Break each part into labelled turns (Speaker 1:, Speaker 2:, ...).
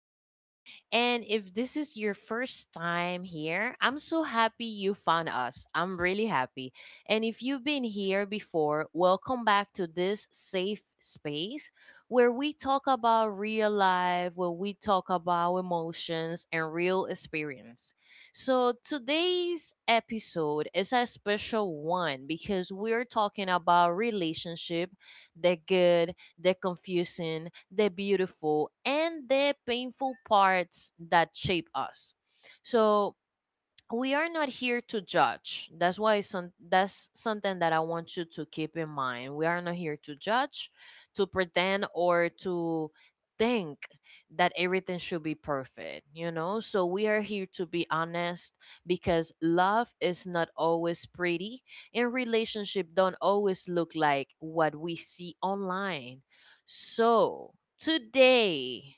Speaker 1: podcast. And if this is your first time here, I'm so happy you found us. I'm really happy. And if you've been here before, welcome back to this safe space where we talk about real life, where we talk about emotions and real experience. So today's episode is a special one because we're talking about relationship, the good, the confusing, the beautiful, and the painful parts that shape us. So, we are not here to judge. That's why some that's something that I want you to keep in mind. We are not here to judge, to pretend or to think that everything should be perfect? So we are here to be honest because love is not always pretty and relationship don't always look like what we see online. So, today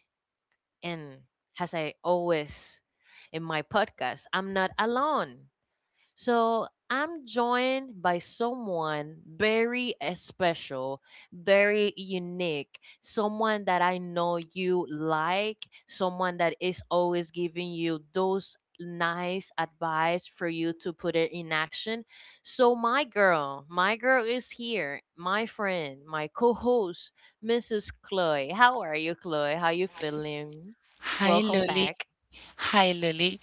Speaker 1: and as I always in my podcast, I'm not alone. So I'm joined by someone very special, very unique, someone that I know you like, someone that is always giving you those nice advice for you to put it in action. So my girl is here, my friend, my co-host, Mrs. Chloe. How are you, Chloe? How you feeling?
Speaker 2: Hi
Speaker 1: Welcome
Speaker 2: Lily.
Speaker 1: back.
Speaker 2: Hi Lily.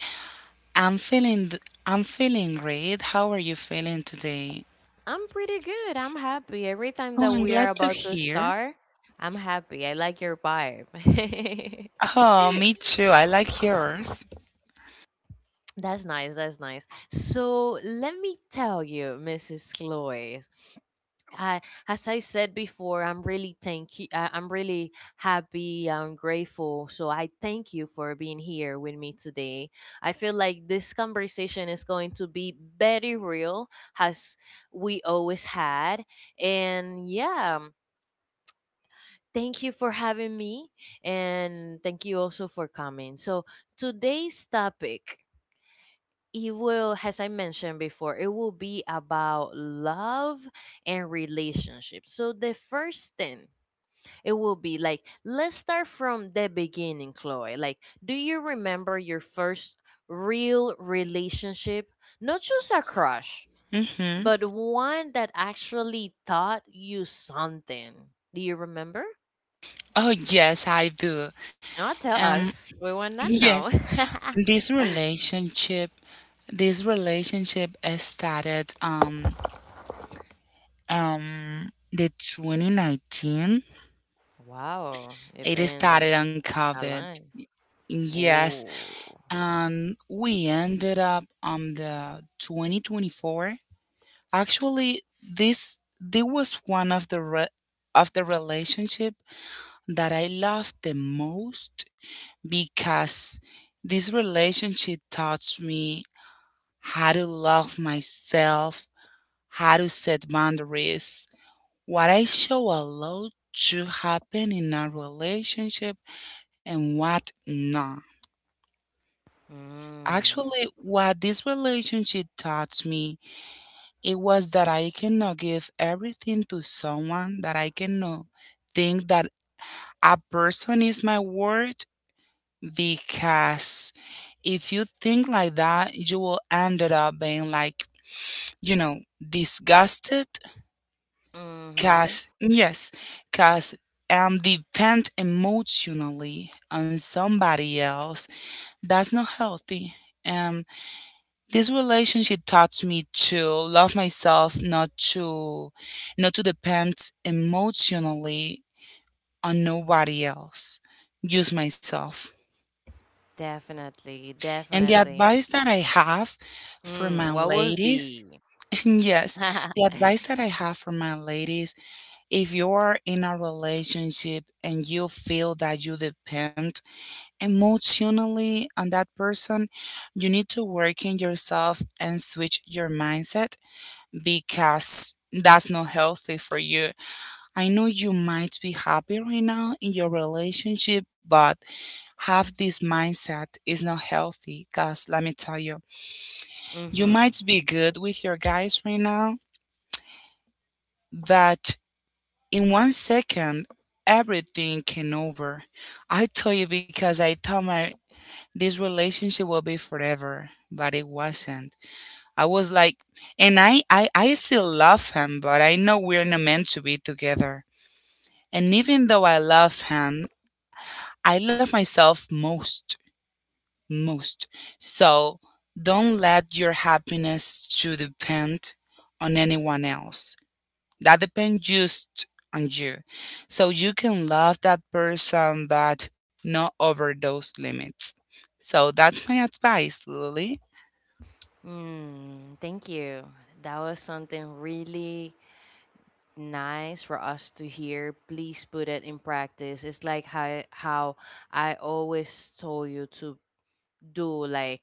Speaker 2: I'm feeling great. How are you feeling today?
Speaker 1: I'm pretty good. I'm happy. Every time
Speaker 2: Oh,
Speaker 1: that
Speaker 2: I'm
Speaker 1: we are
Speaker 2: glad to
Speaker 1: about to
Speaker 2: hear.
Speaker 1: start, I'm happy. I like your vibe.
Speaker 2: Oh, me too. I like yours.
Speaker 1: That's nice. That's nice. So let me tell you, Mrs. Chloe, I, as I said before, I'm really thank you. I'm really happy. I'm grateful. So I thank you for being here with me today. I feel like this conversation is going to be very real, as we always had. And yeah, thank you for having me and thank you also for coming. So, today's topic, as I mentioned before, it will be about love and relationships. So, the first thing it will be like, let's start from the beginning, Chloe. Like, do you remember your first real relationship? Not just a crush,
Speaker 2: Mm-hmm.
Speaker 1: but one that actually taught you something. Do you remember?
Speaker 2: Oh, yes, I do.
Speaker 1: No, tell
Speaker 2: Um,
Speaker 1: us. We want to
Speaker 2: yes.
Speaker 1: know.
Speaker 2: This relationship, this relationship started the 2019.
Speaker 1: Wow, it's
Speaker 2: It
Speaker 1: been
Speaker 2: started on
Speaker 1: a
Speaker 2: COVID.
Speaker 1: line.
Speaker 2: Yes,
Speaker 1: Ooh.
Speaker 2: and we ended up on the 2024. Actually, this was one of the of the relationship that I loved the most, because this relationship taught me how to love myself, how to set boundaries, what I show allow to happen in a relationship and what not.
Speaker 1: Mm.
Speaker 2: Actually, what this relationship taught me, it was that I cannot give everything to someone, that I cannot think that a person is my worth, because if you think like that, you will end up being like, disgusted.
Speaker 1: Mm-hmm.
Speaker 2: Cause yes, cause depend emotionally on somebody else. That's not healthy. Um. This relationship taught me to love myself, not to depend emotionally on nobody else, just myself.
Speaker 1: Definitely,
Speaker 2: And the
Speaker 1: definitely.
Speaker 2: advice that I have for my
Speaker 1: Mm, what would
Speaker 2: ladies,
Speaker 1: be?
Speaker 2: yes, the advice that I have for my ladies, if you're in a relationship and you feel that you depend emotionally on that person, you need to work in yourself and switch your mindset because that's not healthy for you. I know you might be happy right now in your relationship, but have this mindset is not healthy because let me tell you, you
Speaker 1: Mm-hmm.
Speaker 2: might be good with your guys right now, but in one second, everything can over. I tell you because I thought my this relationship will be forever, but it wasn't. I was like, and I still love him, but I know we're not meant to be together. And even though I love him, I love myself most, most. So don't let your happiness to depend on anyone else. That depends just on you. So you can love that person, but not over those limits. So that's my advice, Lily.
Speaker 1: Mm, thank you. That was something really nice for us to hear. Please put it in practice. It's like how I always told you to do, like,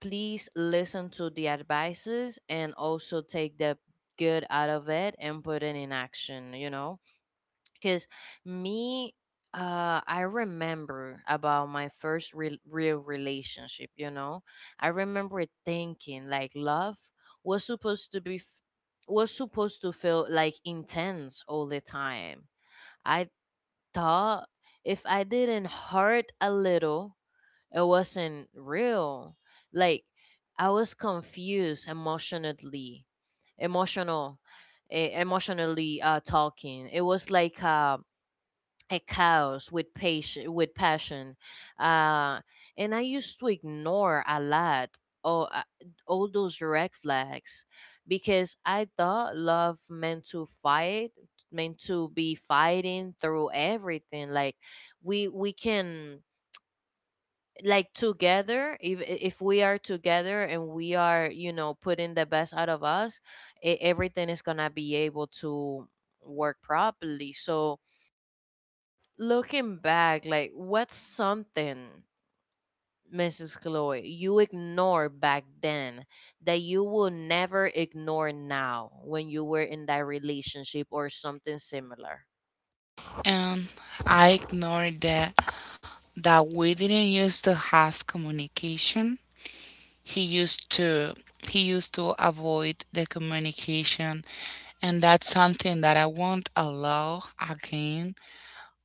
Speaker 1: please listen to the advices and also take the good out of it and put it in action because me I remember about my first real relationship, you know. I remember thinking like love was supposed to feel like intense all the time. I thought if I didn't hurt a little, it wasn't real. Like I was confused emotional, emotionally talking. It was like a chaos with patient, with passion, uh, and I used to ignore a lot all, uh, all those red flags because I thought love meant to be fighting through everything. Like we can like, together, if we are together and we are, putting the best out of us, everything is gonna be able to work properly. So looking back, like, what's something, Mrs. Chloe, you ignore back then that you will never ignore now when you were in that relationship or something similar?
Speaker 2: And I ignore the that we didn't used to have communication. He used to avoid the communication, and that's something that I won't allow again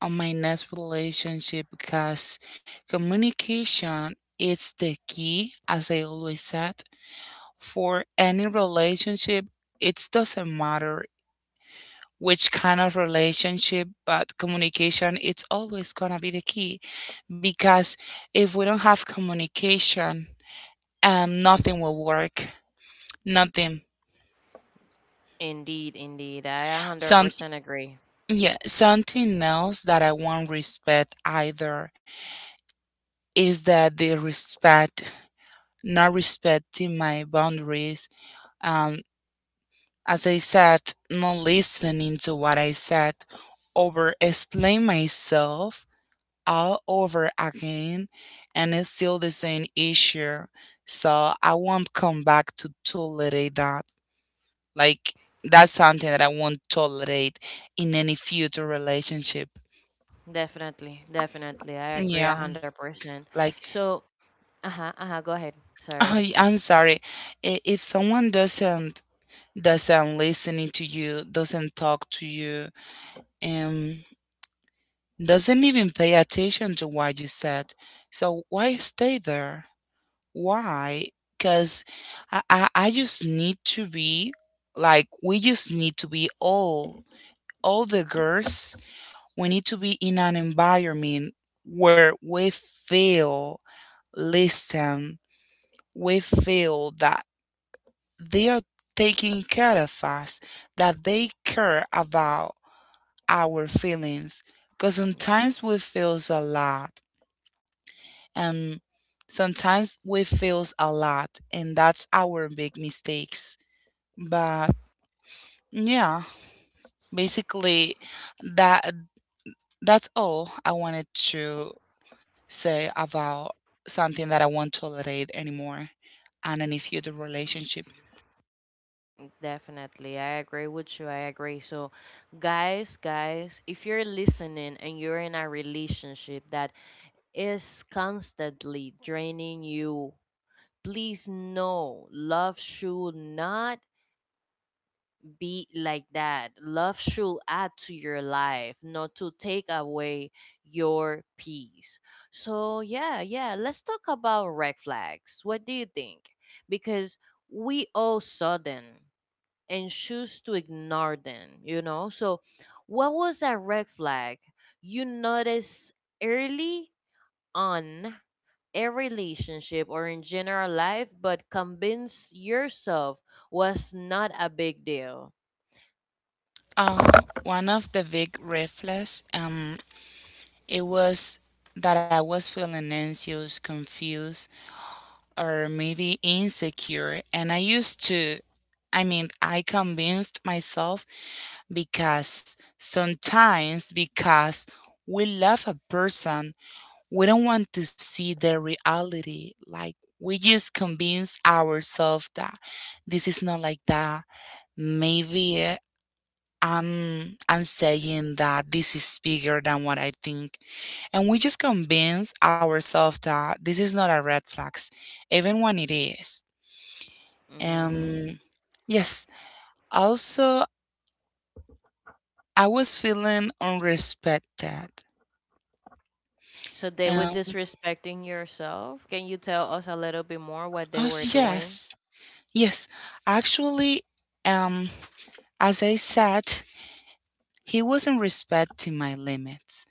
Speaker 2: on my next relationship, because communication is the key, as I always said, for any relationship. It doesn't matter which kind of relationship, but communication, it's always going to be the key, because if we don't have communication, nothing will work. Nothing.
Speaker 1: Indeed, indeed, I
Speaker 2: Some,
Speaker 1: 100% agree.
Speaker 2: yeah, something else that I won't respect either is that they respect, not respecting my boundaries. Um, as I said, not listening to what I said, over explain myself all over again and it's still the same issue. So I won't come back to tolerate that. Like that's something that I won't tolerate in any future relationship.
Speaker 1: Definitely I agree
Speaker 2: Yeah.
Speaker 1: 100%.
Speaker 2: Like
Speaker 1: So uh-huh, uh-huh, go ahead. Sorry.
Speaker 2: I'm sorry. If someone doesn't listening to you, doesn't talk to you, um doesn't even pay attention to what you said. So why stay there? Why? Because I just need to be like, we just need to be all the girls, we need to be in an environment where we feel, listen, we feel that they are taking care of us, that they care about our feelings. Because
Speaker 1: Yes,
Speaker 2: sometimes we feels a lot, and sometimes we feels a lot, and that's our big mistakes. But yeah, basically that that's all I wanted to say about something that I won't tolerate anymore and any future relationship.
Speaker 1: definitely. I agree with you. I agree. So, guys, if you're listening and you're in a relationship that is constantly draining you, please know love should not be like that. Love should add to your life, not to take away your peace. So, yeah, yeah, let's talk about red flags. What do you think? Because we all saw them and choose to ignore them? So, what was a red flag you notice early on a relationship or in general life, but convince yourself was not a big deal?
Speaker 2: Um, one of the big red flags, it was that I was feeling anxious, confused, or maybe insecure. And I used to, I mean, I convinced myself, because sometimes, because we love a person, we don't want to see the reality. Like, we just convince ourselves that this is not like that. Maybe I'm saying that this is bigger than what I think. And we just convince ourselves that this is not a red flags, even when it is.
Speaker 1: Mm-hmm.
Speaker 2: Um yes. Also I was feeling unrespected.
Speaker 1: So they were
Speaker 2: Um
Speaker 1: disrespecting yourself. Can you tell us a little bit more what
Speaker 2: oh
Speaker 1: they were doing?
Speaker 2: yes. Yes. Actually, um as I said, he wasn't respecting my limits.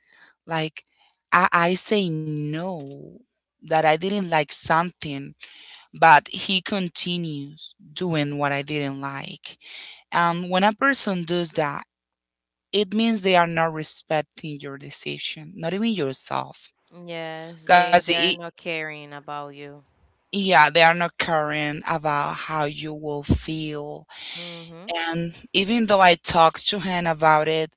Speaker 2: Like I say no that I didn't like something, but he continues doing what I didn't like. And when a person does that, it means they are not respecting your decision, not even yourself.
Speaker 1: Yes, they
Speaker 2: Because,
Speaker 1: they
Speaker 2: it,
Speaker 1: are not caring about you.
Speaker 2: yeah, they are not caring about how you will feel.
Speaker 1: Mm-hmm.
Speaker 2: And even though I talked to him about it,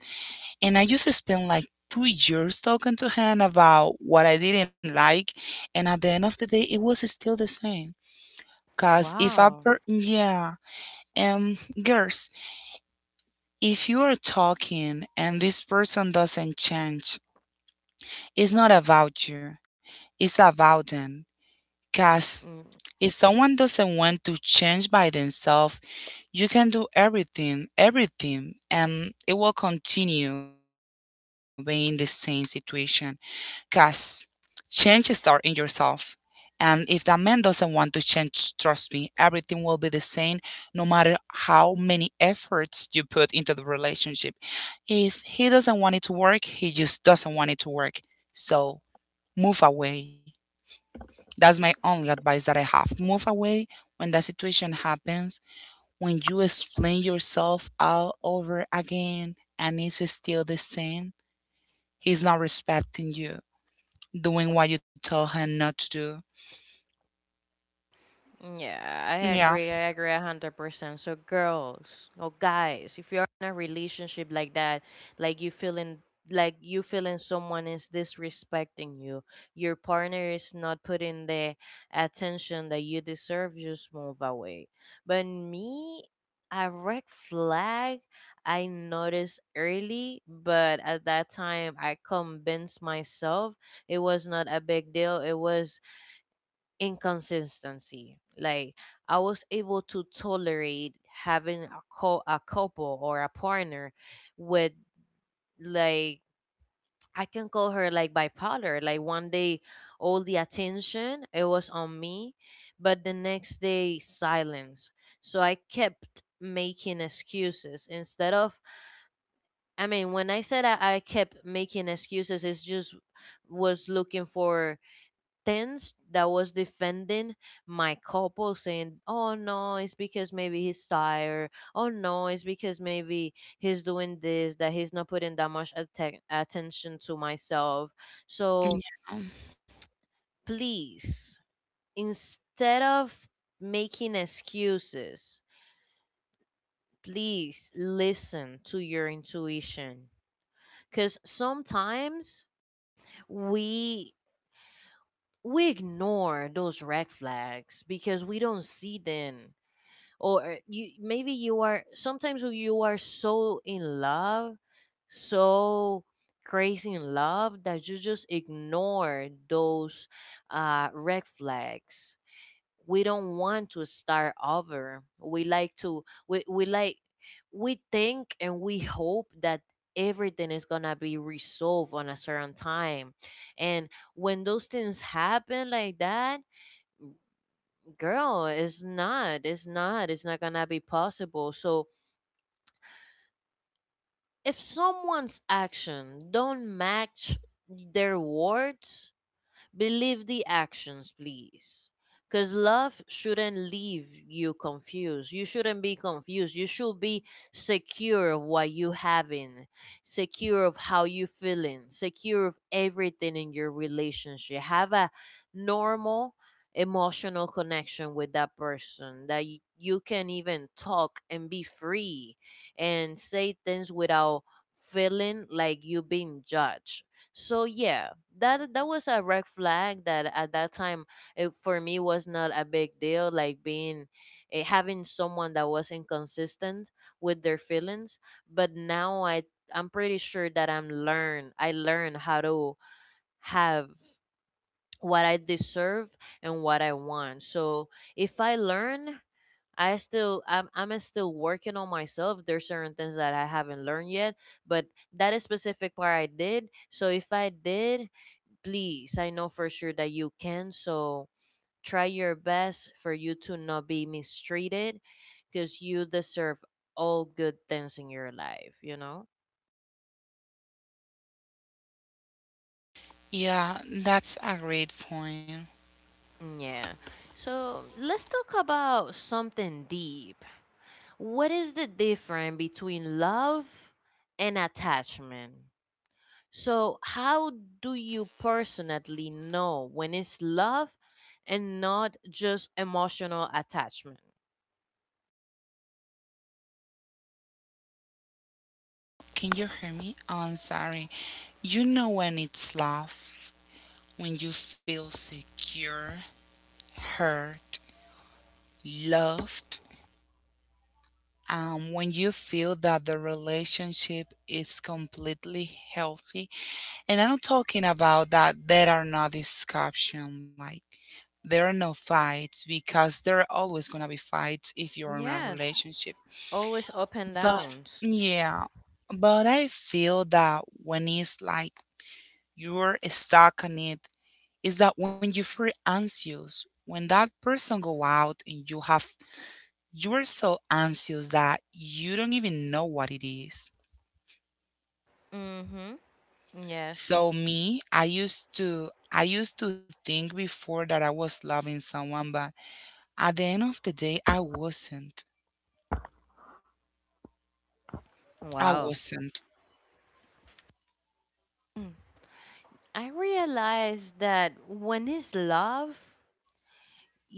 Speaker 2: and I used to spend like 2 years talking to him about what I didn't like, and at the end of the day, it was still the same. Because if
Speaker 1: Wow.
Speaker 2: yeah, um, girls, if you are talking and this person doesn't change, it's not about you, it's about them. Because if someone doesn't want to change by themselves, you can do everything, everything, and it will continue being the same situation. Because change starts in yourself. And if that man doesn't want to change, trust me, everything will be the same no matter how many efforts you put into the relationship. If he doesn't want it to work, he just doesn't want it to work. So move away. That's my only advice that I have. Move away when that situation happens, when you explain yourself all over again and it's still the same. He's not respecting you, doing what you tell him not to do.
Speaker 1: Yeah, I
Speaker 2: Yeah.
Speaker 1: agree. I agree 100%. So girls or guys, if you're in a relationship like that, like you feeling, like you feeling someone is disrespecting you, your partner is not putting the attention that you deserve, just move away. But me, a red flag I noticed early, but at that time I convinced myself it was not a big deal. It was inconsistency. Like I was able to tolerate having a couple or a partner with, like, I can call her like bipolar. Like one day all the attention it was on me, but the next day silence. So I kept making excuses. Instead of, I mean, when I said I kept making excuses, it's just was looking for tens that was defending my couple, saying, oh no, it's because maybe he's tired, oh no, it's because maybe he's doing this, that he's not putting that much attention to myself. So
Speaker 2: Yeah.
Speaker 1: please, instead of making excuses, please listen to your intuition. Because sometimes we we ignore those red flags because we don't see them. Or you, maybe you are, sometimes you are so in love, so crazy in love that you just ignore those red flags. We don't want to start over. We like to, we like, we think and we hope that everything is gonna be resolved on a certain time, and when those things happen like that, girl, it's not gonna be possible. So if someone's action don't match their words, believe the actions, please. Because love shouldn't leave you confused. You shouldn't be confused. You should be secure of what you having, secure of how you feeling, secure of everything in your relationship. Have a normal emotional connection with that person, that you can even talk and be free and say things without feeling like you being judged. So yeah, that that was a red flag that at that time, it, for me, was not a big deal. Like being having someone that was inconsistent with their feelings. But now I'm pretty sure that I learned how to have what I deserve and what I want. So if I learn. I'm still working on myself. There's certain things that I haven't learned yet, but that specific part I did. So if I did, please, I know for sure that you can. So try your best for you to not be mistreated, because you deserve all good things in your life, you know?
Speaker 2: Yeah, that's a great point.
Speaker 1: Mm, yeah. So let's talk about something deep. What is the difference between love and attachment? So, how do you personally know when it's love and not just emotional attachment?
Speaker 2: Can you hear me? Oh, I'm sorry. You know when it's love, when you feel secure, heard, loved, when you feel that the relationship is completely healthy. And I'm not talking about that there are no discussion, like there are no fights, because there are always gonna be fights if you're in a
Speaker 1: Yes.
Speaker 2: relationship.
Speaker 1: Always up and
Speaker 2: But
Speaker 1: downs.
Speaker 2: yeah, but I feel that when it's like you're stuck on it, is that when you feel anxious, when that person go out and you have you're so anxious that you don't even know what it is.
Speaker 1: Mm-hmm. Yes.
Speaker 2: So me, I used to think before that I was loving someone, but at the end of the day, I wasn't. I
Speaker 1: Wow.
Speaker 2: wasn't.
Speaker 1: Mm. I realized that when it's love,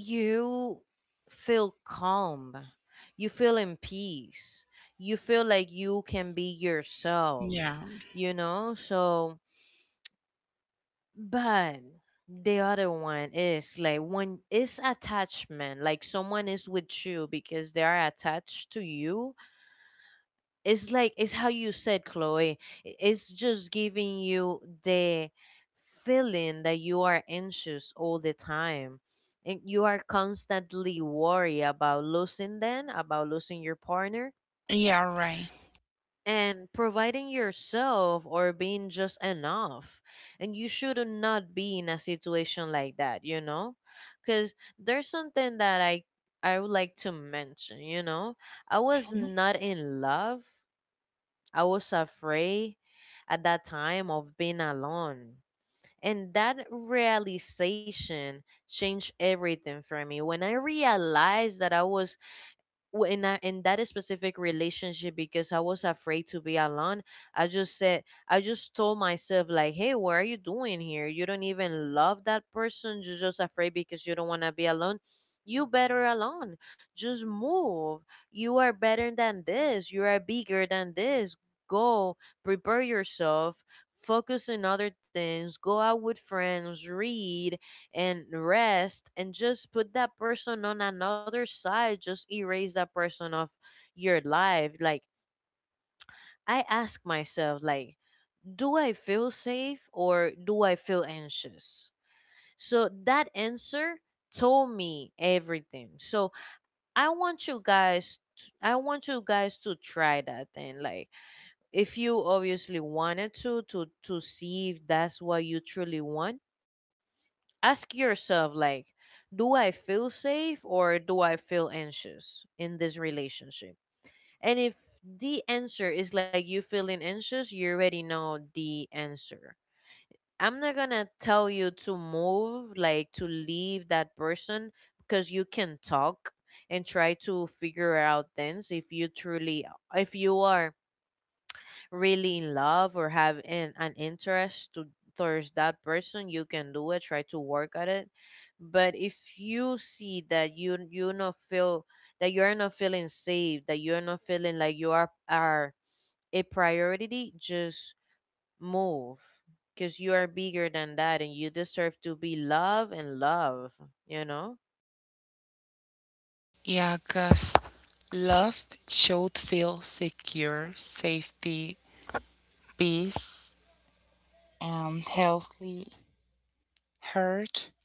Speaker 1: you feel calm. You feel in peace. You feel like you can be yourself,
Speaker 2: Yeah.
Speaker 1: you know? So, but the other one is like when it's attachment, like someone is with you because they are attached to you. It's like, it's how you said, Chloe, it's just giving you the feeling that you are anxious all the time and you are constantly worried about losing them, about losing your partner,
Speaker 2: Yeah, right.
Speaker 1: and providing yourself or being just enough. And you should not be in a situation like that. Because there's something that I would like to mention. I was not in love. I was afraid at that time of being alone. And that realization changed everything for me. When I realized that I was in that specific relationship because I was afraid to be alone. I just told myself, like, "Hey, what are you doing here? You don't even love that person. You're just afraid because you don't want to be alone. You better alone. Just move. You are better than this. You are bigger than this. Go prepare yourself." Focus on other things, go out with friends, read, and rest and just put that person on another side, just erase that person off your life. Like, I ask myself like, do I feel safe or do I feel anxious? So that answer told me everything. So I want you guys I want you guys to try that thing. Like, if you obviously wanted to see if that's what you truly want, ask yourself like, do I feel safe or do I feel anxious in this relationship? And if the answer is like you feeling anxious, you already know the answer. I'm not gonna tell you to move, like to leave that person, because you can talk and try to figure out things if you truly, if you are really in love or have an interest to towards that person. You can do it, try to work at it. But if you see that you not feel, that you're not feeling safe, that you're not feeling like you are a priority, just move, because you are bigger than that and you deserve to be loved and love, you know?
Speaker 2: Yeah, cause love should feel secure, safety, peace, and healthy, hurt,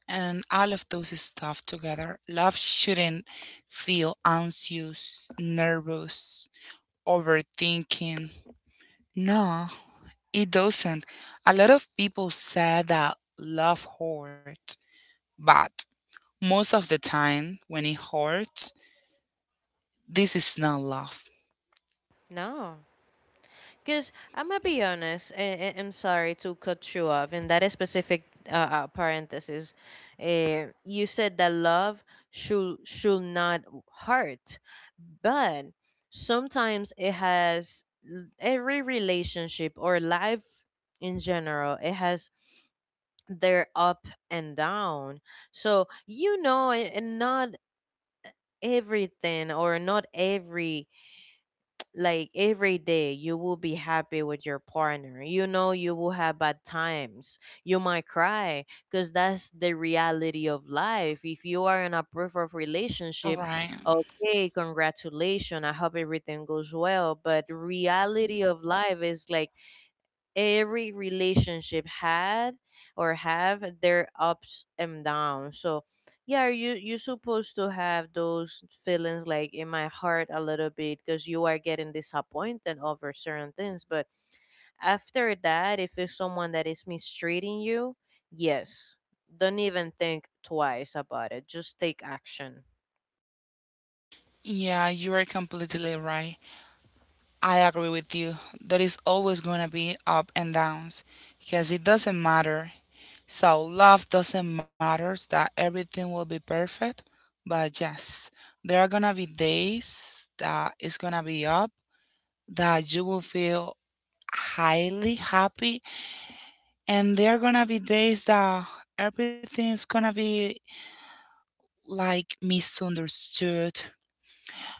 Speaker 2: and all of those stuff together. Love shouldn't feel anxious, nervous, overthinking. No, it doesn't. A lot of people say that love hurts, but most of the time when it hurts, this is not love.
Speaker 1: No. Because I'm gonna be honest, and I'm sorry to cut you off. In that specific parenthesis, you said that love should not hurt, but sometimes it has every relationship or life in general, it has their up and down. So, you know, and not everything or not every, like, every day you will be happy with your partner. You know, you will have bad times, you might cry, because that's the reality of life if you are in a proof of
Speaker 2: All
Speaker 1: relationship.
Speaker 2: right.
Speaker 1: Okay, congratulations, I hope everything goes well. But reality of life is like every relationship had or have their ups and downs. So yeah, you, you're supposed to have those feelings like in my heart a little bit because you are getting disappointed over certain things. But after that, if it's someone that is mistreating you, yes, don't even think twice about it, just take action.
Speaker 2: Yeah, you are completely right. I agree with you. There is always going to be up and downs because it doesn't matter. So, love doesn't matter that everything will be perfect. But yes, there are going to be days that it's going to be up, that you will feel highly happy. And there are going to be days that everything is going to be like misunderstood,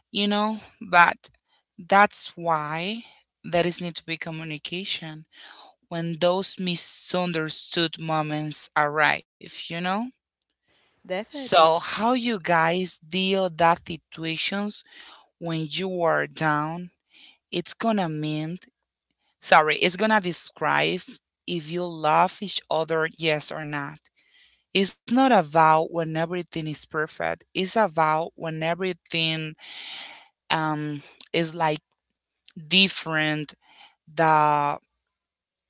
Speaker 2: you know? But that's why there is need to be communication when those misunderstood moments arrive, you know? So
Speaker 1: Definitely.
Speaker 2: how you guys deal that situations when you are down, it's gonna mean sorry, it's gonna describe if you love each other yes or not. It's not about when everything is perfect. It's about when everything um is like different the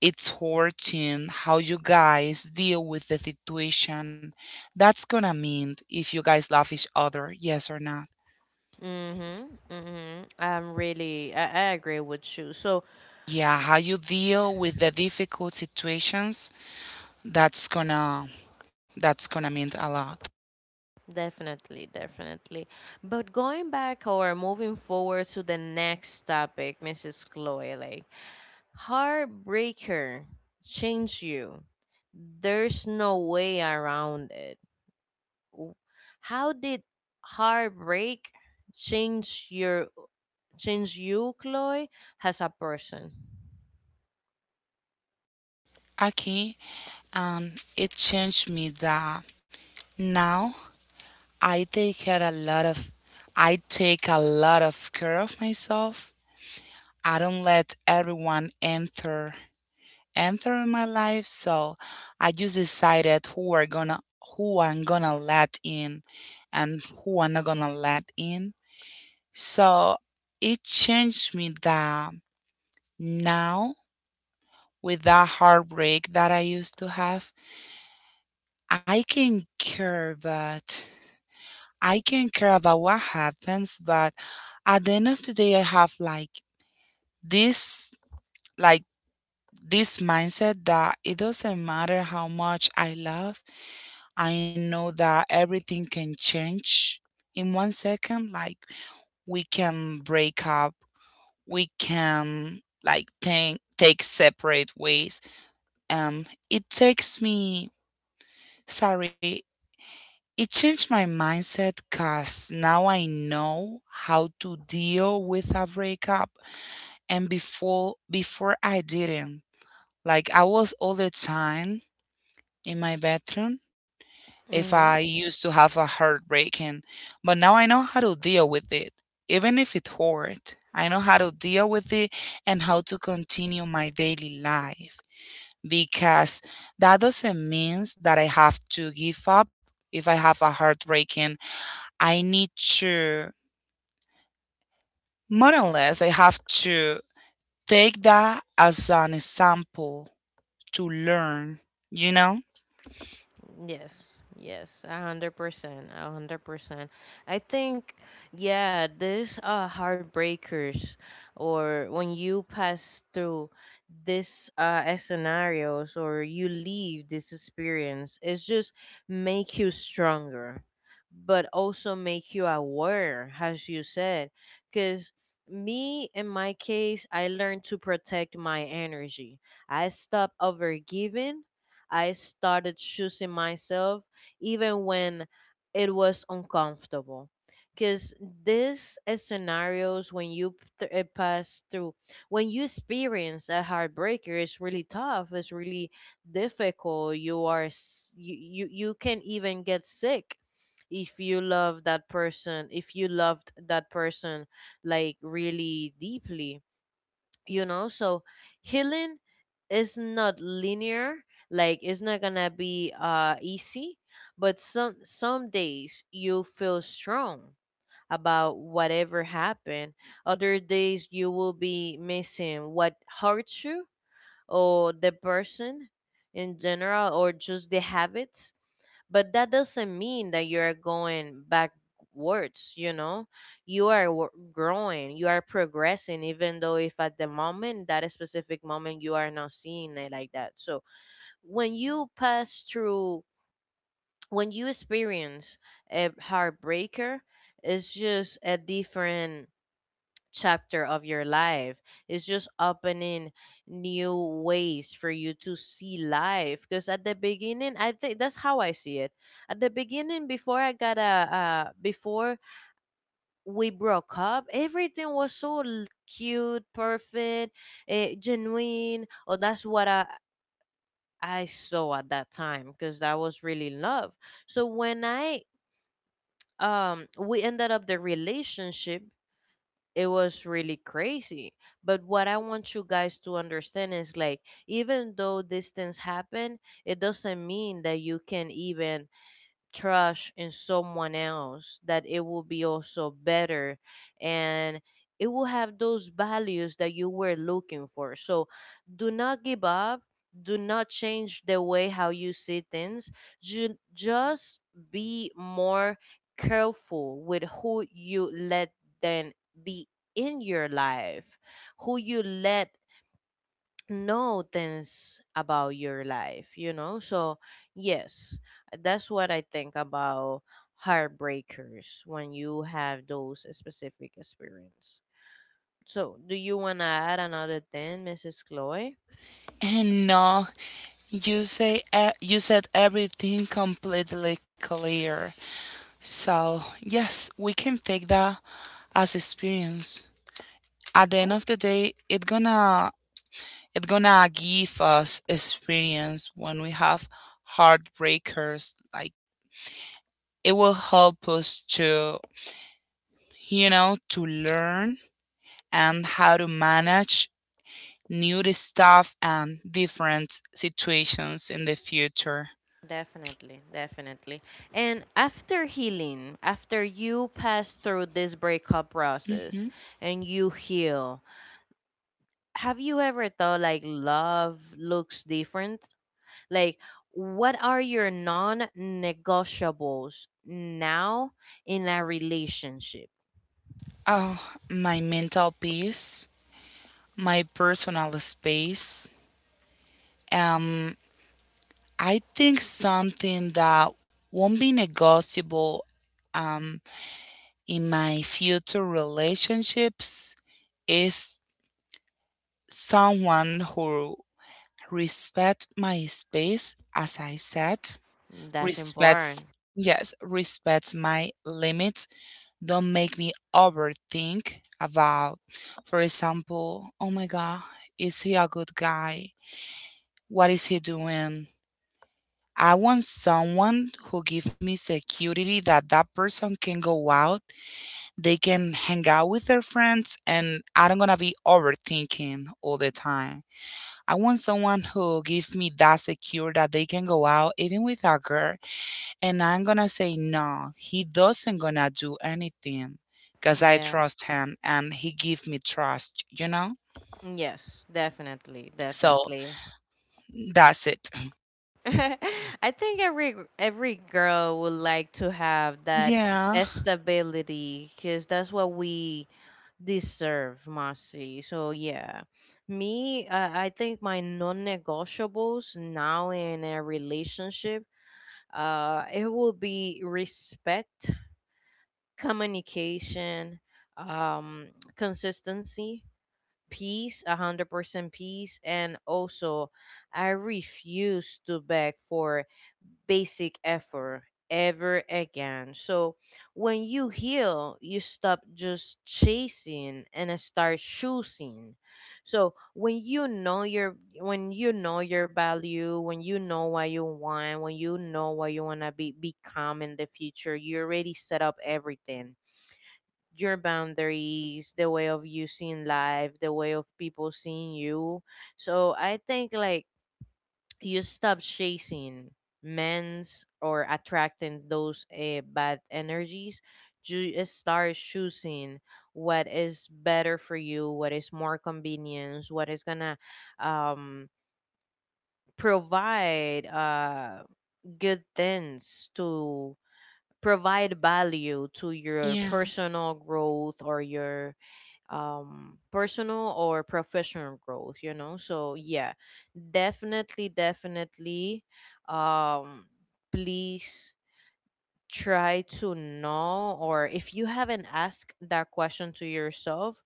Speaker 2: it's hurting how you guys deal with the situation. That's gonna mean if you guys love each other, yes or not.
Speaker 1: Mm-hmm. Mm-hmm. I'm really, I agree with you. So,
Speaker 2: Yeah, how you deal with the difficult situations, that's gonna that's gonna mean a lot.
Speaker 1: definitely, definitely. But going back or moving forward to the next topic, Mrs. Chloe, like, heartbreaker changed you. There's no way around it. W- How did heartbreak change your, change you, Chloe, as a person?
Speaker 2: Okay, it changed me that now I take care a lot of I take a lot of care of myself. I don't let everyone enter and through my life. So I just decided who I'm gonna let in and who I'm not gonna let in. So it changed me that now, with that heartbreak that I used to have, I can care but I can care about what happens, but at the end of the day I have this like this mindset that it doesn't matter how much I love, I know that everything can change in one second. Like we can break up, we can like take separate ways. It takes me. Sorry, it changed my mindset because now I know how to deal with a breakup, and before I didn't. Like I was all the time in my bedroom if I used to have a heartbreak, and but now I know how to deal with it. Even if it hurt, I know how to deal with it and how to continue my daily life. Because that doesn't mean that I have to give up if I have a heartbreak, and I need to, more or less I have to take that as an example to learn, you know?
Speaker 1: Yes, yes, 100%, 100%. I think, yeah, these heartbreakers, or when you pass through this scenarios, or you leave this experience, it's just make you stronger, but also make you aware, as you said, because. Me, in my case, I learned to protect my energy. I stopped overgiving. I started choosing myself even when it was uncomfortable. Because these scenarios, when you pass through, when you experience a heartbreaker, it's really tough. It's really difficult. You are you, you can even get sick if you love that person. If you loved that person like really deeply, you know. So healing is not linear, like it's not gonna be easy. But some days you'll feel strong about whatever happened. Other days you will be missing what hurts you, or the person in general, or just the habits. But that doesn't mean that you're going backwards, you know. You are growing, you are progressing, even though if at the moment, that specific moment, you are not seeing it like that. So when you pass through, when you experience a heartbreaker, it's just a different chapter of your life. It's just opening new ways for you to see life. Because at the beginning, I think that's how I see it. At the beginning, before I got a, before we broke up, everything was so cute, perfect, genuine. Or that's what I saw at that time, because that was really love. So when I, we ended up the relationship, it was really crazy. But what I want you guys to understand is like, even though these things happen, it doesn't mean that you can even trust in someone else, that it will be also better and it will have those values that you were looking for. So do not give up, do not change the way how you see things. Just be more careful with who you let then be in your life, who you let know things about your life, you know? So, yes, that's what I think about heartbreakers when you have those specific experience. So, do you want to add another thing, Mrs. Chloe?
Speaker 2: And no. You said everything completely clear. So yes, we can take that as experience. At the end
Speaker 1: Oh,
Speaker 2: of the day, it gonna give us experience when we have heartbreakers. Like it will help us to to learn and how to manage new stuff and different situations in the future.
Speaker 1: definitely, definitely. And after healing, after you pass through this breakup process and you heal, have you ever thought like love looks different? Like, what are your non negotiables now in a relationship?
Speaker 2: Oh, my mental peace, my personal space. Um, I think something that won't be negotiable um, in my future relationships is someone who respects my space, as I said,
Speaker 1: That's
Speaker 2: respects,
Speaker 1: important.
Speaker 2: yes, respects my limits. Don't make me overthink about, for example, oh my God, is he a good guy? What is he doing? I want someone who gives me security that that person can go out, they can hang out with their friends, and I don't gonna be overthinking all the time. I want someone who gives me that secure that they can go out even with a girl and I'm gonna say no, he doesn't gonna do anything because I
Speaker 1: Yeah.
Speaker 2: trust him and he give me trust, you know?
Speaker 1: Yes, definitely,
Speaker 2: So
Speaker 1: definitely.
Speaker 2: that's it.
Speaker 1: I think every girl would like to have that
Speaker 2: Yeah,
Speaker 1: stability, because that's what we deserve, Masi. So yeah, me, I think my non-negotiables now in a relationship, it will be respect, communication, um, consistency, peace, 100% peace, and also I refuse to beg for basic effort ever again. So when you heal, you stop just chasing and start choosing. So when you know your, when you know your value, when you know what you want, when you know what you wanna be, become in the future, you already set up everything. Your boundaries, the way of you seeing life, the way of people seeing you. So I think like you stop chasing men's or attracting those bad energies. You start choosing what is better for you, what is more convenience, what is gonna, um, provide good things, to provide value to your
Speaker 2: yeah.
Speaker 1: personal growth or your personal or professional growth, you know. So yeah, definitely, definitely. um please try to know, or if you haven't asked that question to yourself,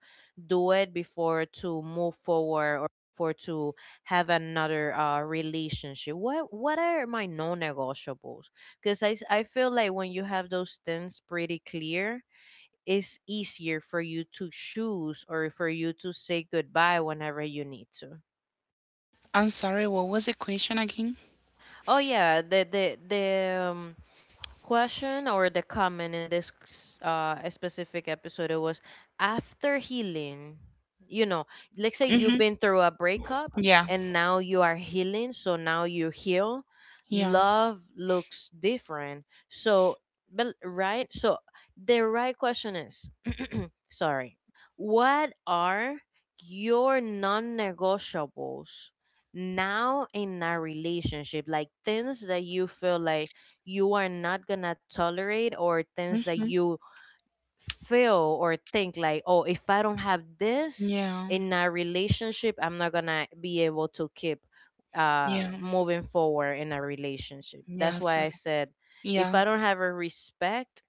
Speaker 1: do it before to move forward or for to have another relationship, what are my non-negotiables, because I, I feel like when you have those things pretty clear, is easier for you to choose, or for you to say goodbye whenever you need to.
Speaker 2: I'm sorry, what was the question again?
Speaker 1: Oh yeah, the um, question or the comment in this specific episode, it was after healing. You know, let's say you've
Speaker 2: Mm-hmm.
Speaker 1: been through a breakup,
Speaker 2: Yeah,
Speaker 1: and now you are healing, so now you heal.
Speaker 2: yeah.
Speaker 1: Love looks different. So, but right, so the right question is, sorry, what are your non negotiables now in a relationship? Like, things that you feel like you are not gonna tolerate, or things that
Speaker 2: Mm-hmm.
Speaker 1: you feel or think like, oh, if I don't have this
Speaker 2: Yeah,
Speaker 1: in a relationship, I'm not gonna be able to keep
Speaker 2: yeah,
Speaker 1: moving forward in a relationship. That's
Speaker 2: yeah.
Speaker 1: why I
Speaker 2: So,
Speaker 1: said, if I
Speaker 2: yeah.
Speaker 1: don't have a respect,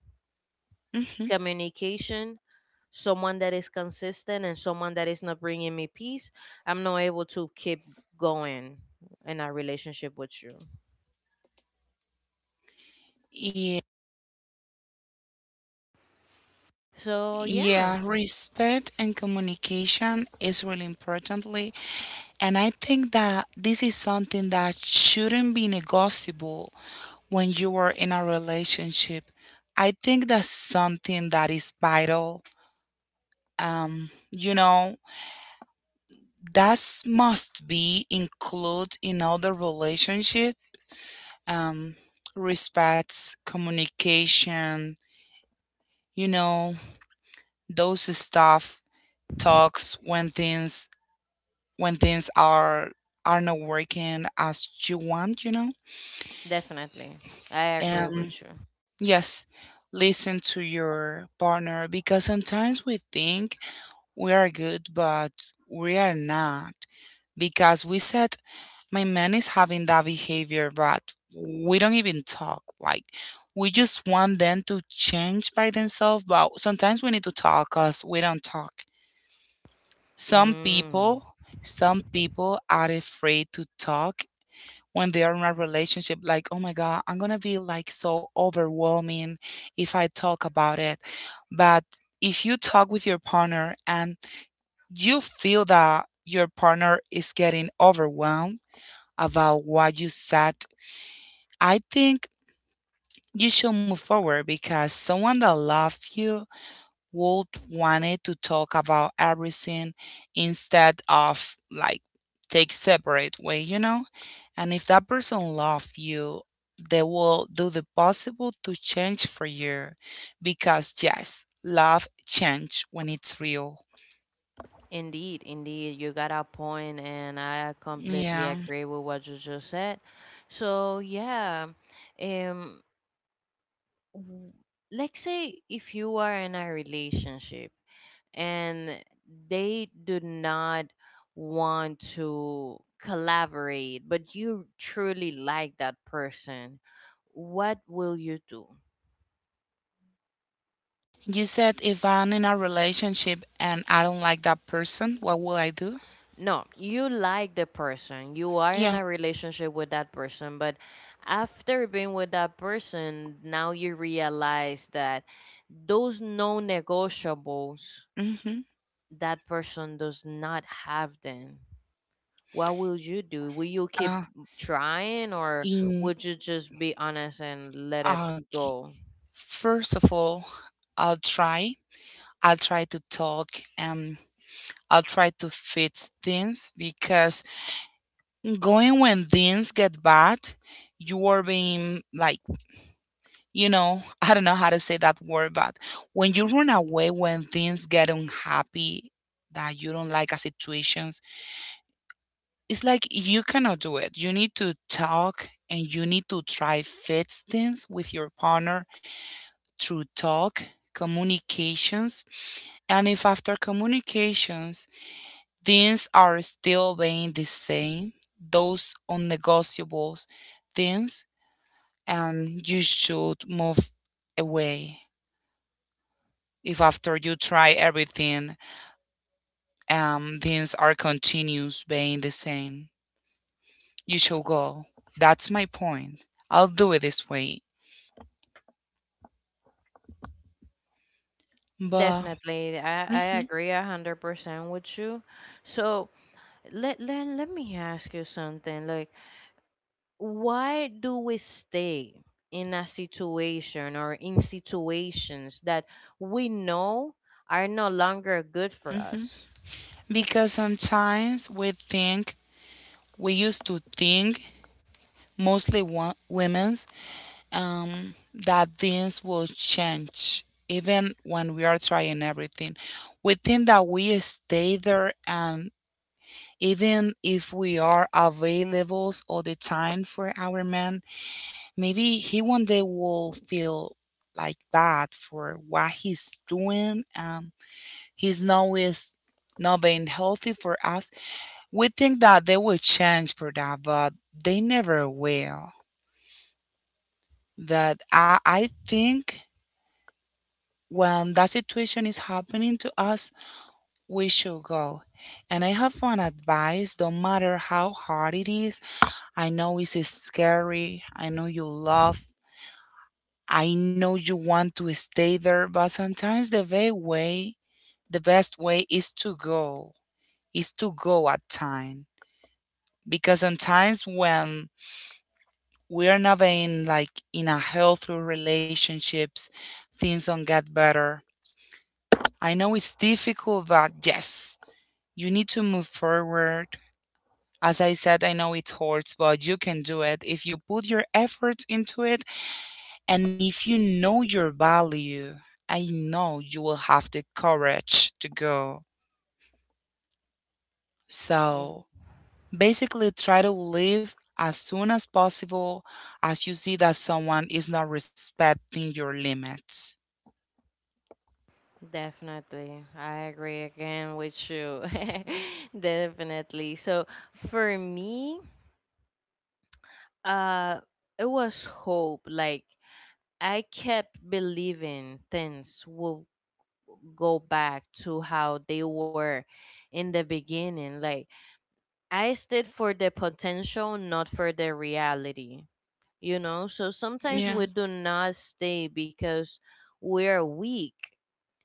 Speaker 2: Mm-hmm.
Speaker 1: communication, someone that is consistent, and someone that is not bringing me peace, I'm not able to keep going in our relationship with you.
Speaker 2: Yeah.
Speaker 1: So, yeah,
Speaker 2: Yeah, respect and communication is really importantly, and I think that this is something that shouldn't be negotiable when you are in a relationship. I think that's something that is vital. Um, you know, that must be included in all the relationship. Um, Respects, communication, you know, those stuff, talks when things are not working as you want.
Speaker 1: definitely. I agree
Speaker 2: Um,
Speaker 1: with you.
Speaker 2: yes, listen to your partner because sometimes we think we are good, but we are not because we said my man is having that behavior, but we don't even talk. Like we just want them to change by themselves, but sometimes we need to talk because we don't talk. Some
Speaker 1: Mm,
Speaker 2: people, some people are afraid to talk when they are in a relationship. Like, oh my God, I'm gonna be like so overwhelming if I talk about it. But if you talk with your partner and you feel that your partner is getting overwhelmed about what you said, I think you should move forward because someone that loves you would want it to talk about everything instead of like take separate way, you know? And if that person loves you, they will do the possible to change for you because yes, love change when it's real.
Speaker 1: indeed, indeed. You got a point, and I completely
Speaker 2: Yeah.
Speaker 1: agree with what you just said. So, yeah, um, w- let's say if you are in a relationship and they do not want to collaborate, but you truly like that person, what will you do?
Speaker 2: You said if I'm in a relationship and I don't like that person, what will I do?
Speaker 1: No, you like the person. You are in
Speaker 2: Yeah.
Speaker 1: a relationship with that person, but after being with that person, now you realize that those non negotiables,
Speaker 2: Mm-hmm.
Speaker 1: that person does not have them, what will you do? Will you keep
Speaker 2: Uh,
Speaker 1: trying, or
Speaker 2: in
Speaker 1: would you just be honest and let it
Speaker 2: uh, g-
Speaker 1: go?
Speaker 2: first of all, I'll try. I'll try to talk and I'll try to fix things because going when things get bad, you are being like, I don't know how to say that word, but when you run away when things get unhappy, that you don't like a situation, it's like you cannot do it. You need to talk and you need to try fix things with your partner through talk, communications. And if after communications things are still being the same, those unnegotiables things, and you should move away. If after you try everything, things are continuous being the same, you should go. That's my point. I'll do it this way. But.
Speaker 1: Definitely. I
Speaker 2: Mhm.
Speaker 1: agree 100% with you. So, let me ask you something. Like, why do we stay in a situation or in situations that we know are no longer good for us?
Speaker 2: Because sometimes we used to think, mostly women's, that things will change even when we are trying everything. We think that we stay there and even if we are available all the time for our man, maybe he one day will feel like bad for what he's doing and he's now is not being healthy for us. We think that they will change for that, but they never will. That I think when that situation is happening to us, we should go. And I have one advice, don't matter how hard it is. I know it's scary, I know you love, I know you want to stay there, but sometimes the very way, the best way is to go, at time. Because sometimes when we're not in like in a healthy relationships, things don't get better. I know it's difficult, but yes, you need to move forward. As I said, I know it hurts, but you can do it if you put your efforts into it and if you know your value. I know you will have the courage to go. So basically, try to leave as soon as possible as you see that someone is not respecting your limits.
Speaker 1: Definitely. I agree again with you. Definitely. So for me, uh it was hope. Like, I kept believing things will go back to how they were in the beginning. Like, I stayed for the potential, not for the reality. You know, so sometimes
Speaker 2: Yeah.
Speaker 1: we do not stay because we're weak.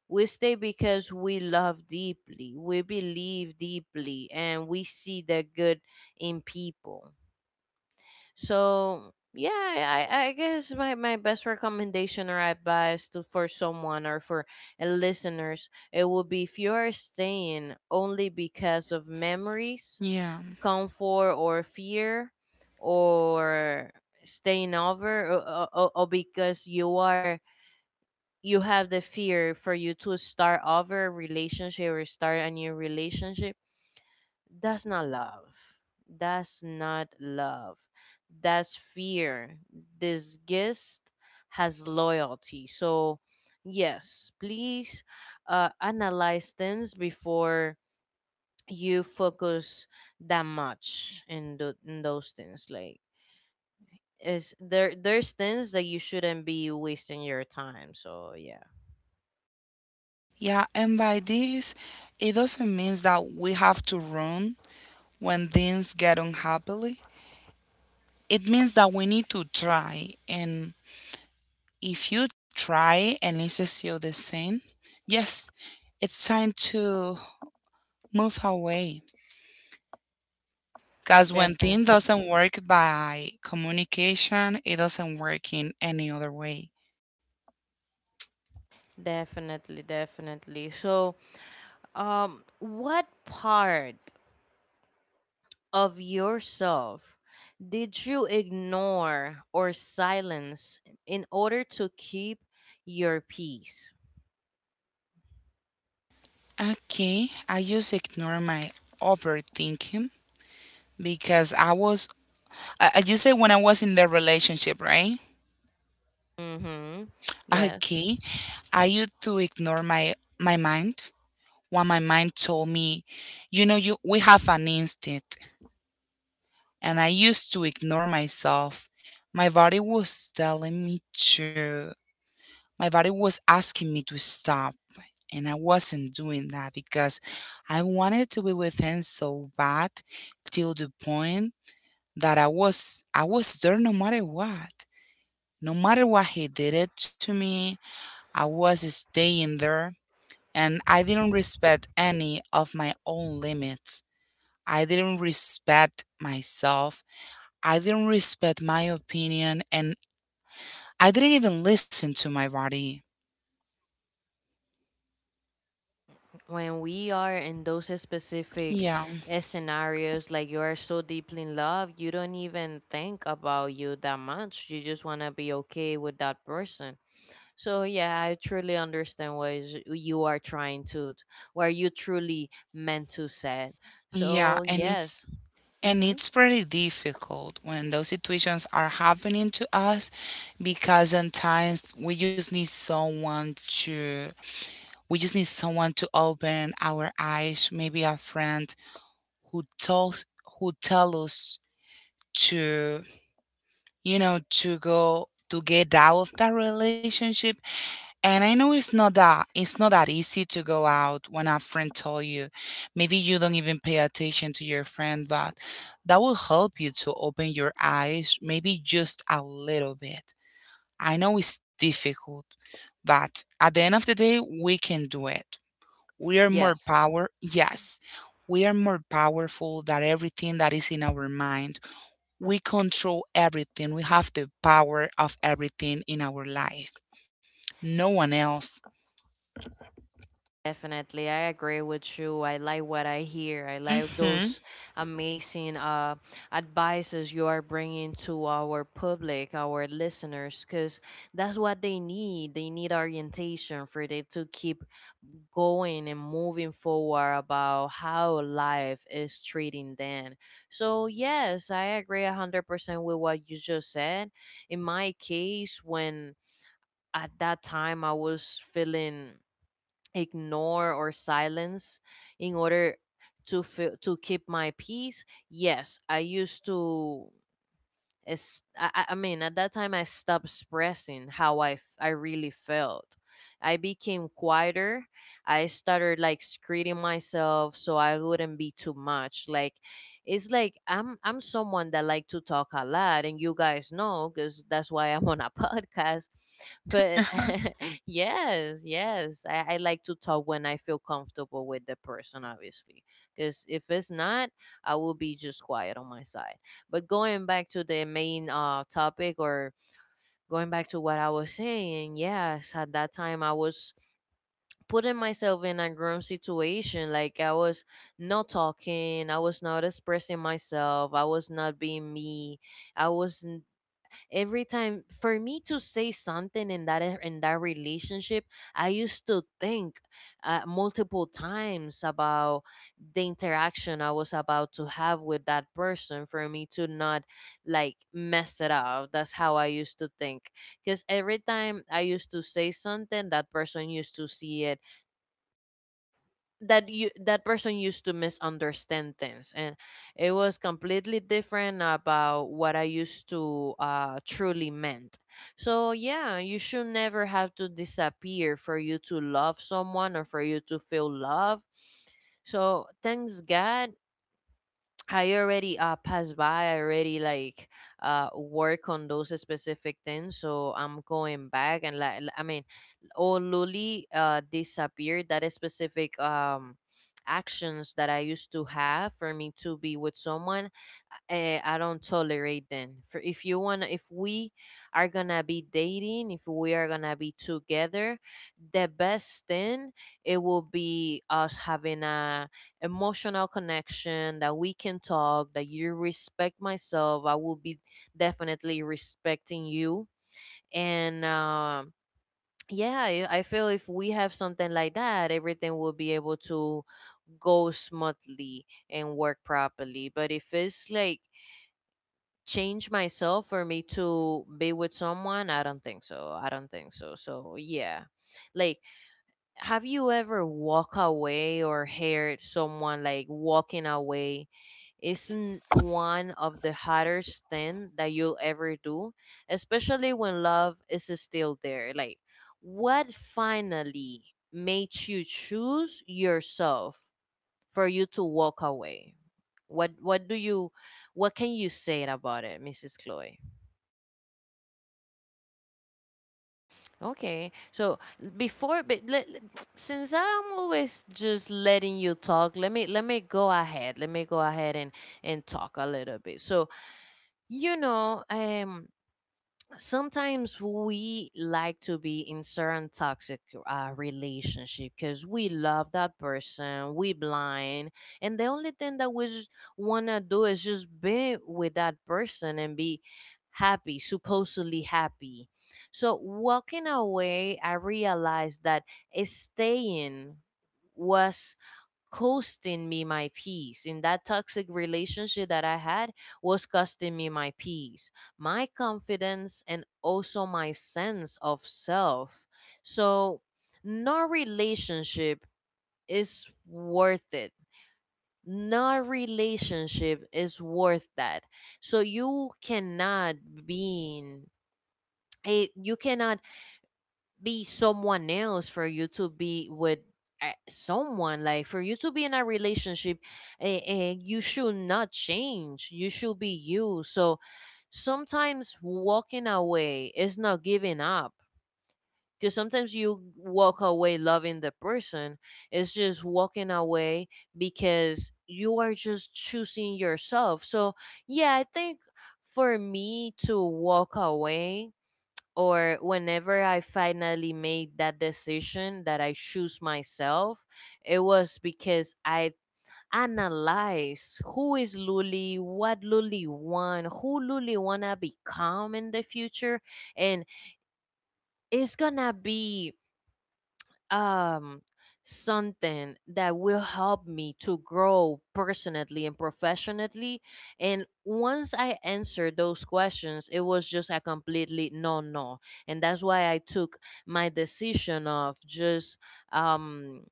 Speaker 1: We stay because we love deeply, we believe deeply, and we see the good in people. So yeah, I guess my, my best recommendation or advice to, for someone, or for listeners, it would be, if you are staying only because of memories,
Speaker 2: Yeah.
Speaker 1: comfort or fear, or staying over, or, or because you are, you have the fear for you to start over a relationship or start a new relationship, that's not love, that's not love, that's fear. This guest has loyalty. So yes, please, analyze things before you focus that much in, in those things. Like, is there's things that you shouldn't be wasting your time. So yeah,
Speaker 2: Yeah, and by this, it doesn't mean that we have to run when things get unhappily. It means that we need to try. And if you try and it's still the same, yes, it's time to move away. Because when things
Speaker 1: definitely.
Speaker 2: doesn't work by communication, it doesn't work in any other way.
Speaker 1: Definitely, definitely. So, what part of yourself did you ignore or silence in order to keep your peace?
Speaker 2: Okay, I just ignore my overthinking because I just say when I was in the relationship, right?
Speaker 1: Mm-hmm.
Speaker 2: Okay,
Speaker 1: Yes.
Speaker 2: I used to ignore my mind. What my mind told me, you know, you we have an instinct, and I used to ignore myself. My body was telling me to. My body was asking me to stop, and I wasn't doing that because I wanted to be with him so bad, till the point that I was there no matter what. No matter what he did it to me, I was staying there and I didn't respect any of my own limits. I didn't respect myself. I didn't respect my opinion and I didn't even listen to my body.
Speaker 1: When we are in those specific
Speaker 2: Yeah.
Speaker 1: scenarios, like, you are so deeply in love, you don't even think about you that much. You just want to be okay with that person. So yeah, I truly understand what is, you are trying to, where you truly meant to say.
Speaker 2: Yeah,
Speaker 1: So
Speaker 2: and it's
Speaker 1: yes,
Speaker 2: and
Speaker 1: mm-hmm.
Speaker 2: it's pretty difficult when those situations are happening to us, because sometimes we just need someone to open our eyes, maybe a friend, who tells who tell us to you know to go to get out of that relationship. And I know it's not that easy to go out when a friend told you. Maybe you don't even pay attention to your friend, but that will help you to open your eyes, maybe just a little bit. I know it's difficult, but at the end of the day, we can do it. We are more
Speaker 1: Yes,
Speaker 2: power. Yes, we are more powerful than everything that is in our mind. We control everything. We have the power of everything in our life. No one else.
Speaker 1: definitely, I agree with you. I like what I hear. I like
Speaker 2: Hmm.
Speaker 1: those amazing advices you are bringing to our public, our listeners, because that's what they need. They need orientation for them to keep going and moving forward about how life is treating them. So, yes, I agree 100% with what you just said. In my case, when at that time I was feeling ignore or silence in order to feel, to keep my peace. Yes, I used to, it's, I mean, at that time, I stopped expressing how I really felt. I became quieter. I started like screening myself so I wouldn't be too much. Like, it's like I'm someone that like to talk a lot, and you guys know because that's why I'm on a podcast. But yes, yes, I like to talk when I feel comfortable with the person, obviously, because if it's not, I will be just quiet on my side. But going back to the main topic, or going back to what I was saying, yes, at that time I was putting myself in a grown situation. Like I was not talking, I was not expressing myself, I was not being me, I was every time for me to say something in in that relationship. I used to think multiple times about the interaction I was about to have with that person for me to not like mess it up. That's how I used to think, because every time I used to say something, that person used to see it, that person used to misunderstand things, and it was completely different about what I used to truly meant. So yeah, you should never have to disappear for you to love someone or for you to feel love. So thanks god, I already passed by. I already like work on those specific things. So I'm going back and all Luli disappeared. That is specific actions that I used to have for me to be with someone, I don't tolerate them. For if you wanna, if we are gonna be dating, if we are gonna be together, the best thing it will be us having a emotional connection that we can talk, that you respect myself. I will be definitely respecting you, and yeah, I feel if we have something like that, everything will be able to go smoothly and work properly. But if it's like change myself for me to be with someone, I don't think so, I don't think so. So yeah, like, have you ever walk away, or heard someone like walking away isn't one of the hardest thing that you'll ever do, especially when love is still there? Like, what finally made you choose yourself for you to walk away? What what do you what can you say about it, Mrs. Chloe? Okay. So before, since I'm always just letting you talk, let me go ahead. Let me go ahead and talk a little bit. So you know, um, sometimes we like to be in certain toxic relationship because we love that person, we blind, and the only thing that we want to do is just be with that person and be happy, supposedly happy. So walking away, I realized that staying was costing me my peace. In that toxic relationship that I had was costing me my peace, my confidence, and also my sense of self. So, no relationship is worth it. No relationship is worth that. So you cannot be in a you cannot be someone else for you to be with someone, like for you to be in a relationship. And you should not change, you should be you. So sometimes walking away is not giving up, because sometimes you walk away loving the person. It's just walking away because you are just choosing yourself. So yeah, I think for me to walk away, or whenever I finally made that decision that I choose myself, it was because I analyzed who is Luli, what Luli want, who Luli wanna become in the future, and it's gonna be um something that will help me to grow personally and professionally. And once I answered those questions, it was just a completely no, no. And that's why I took my decision of just um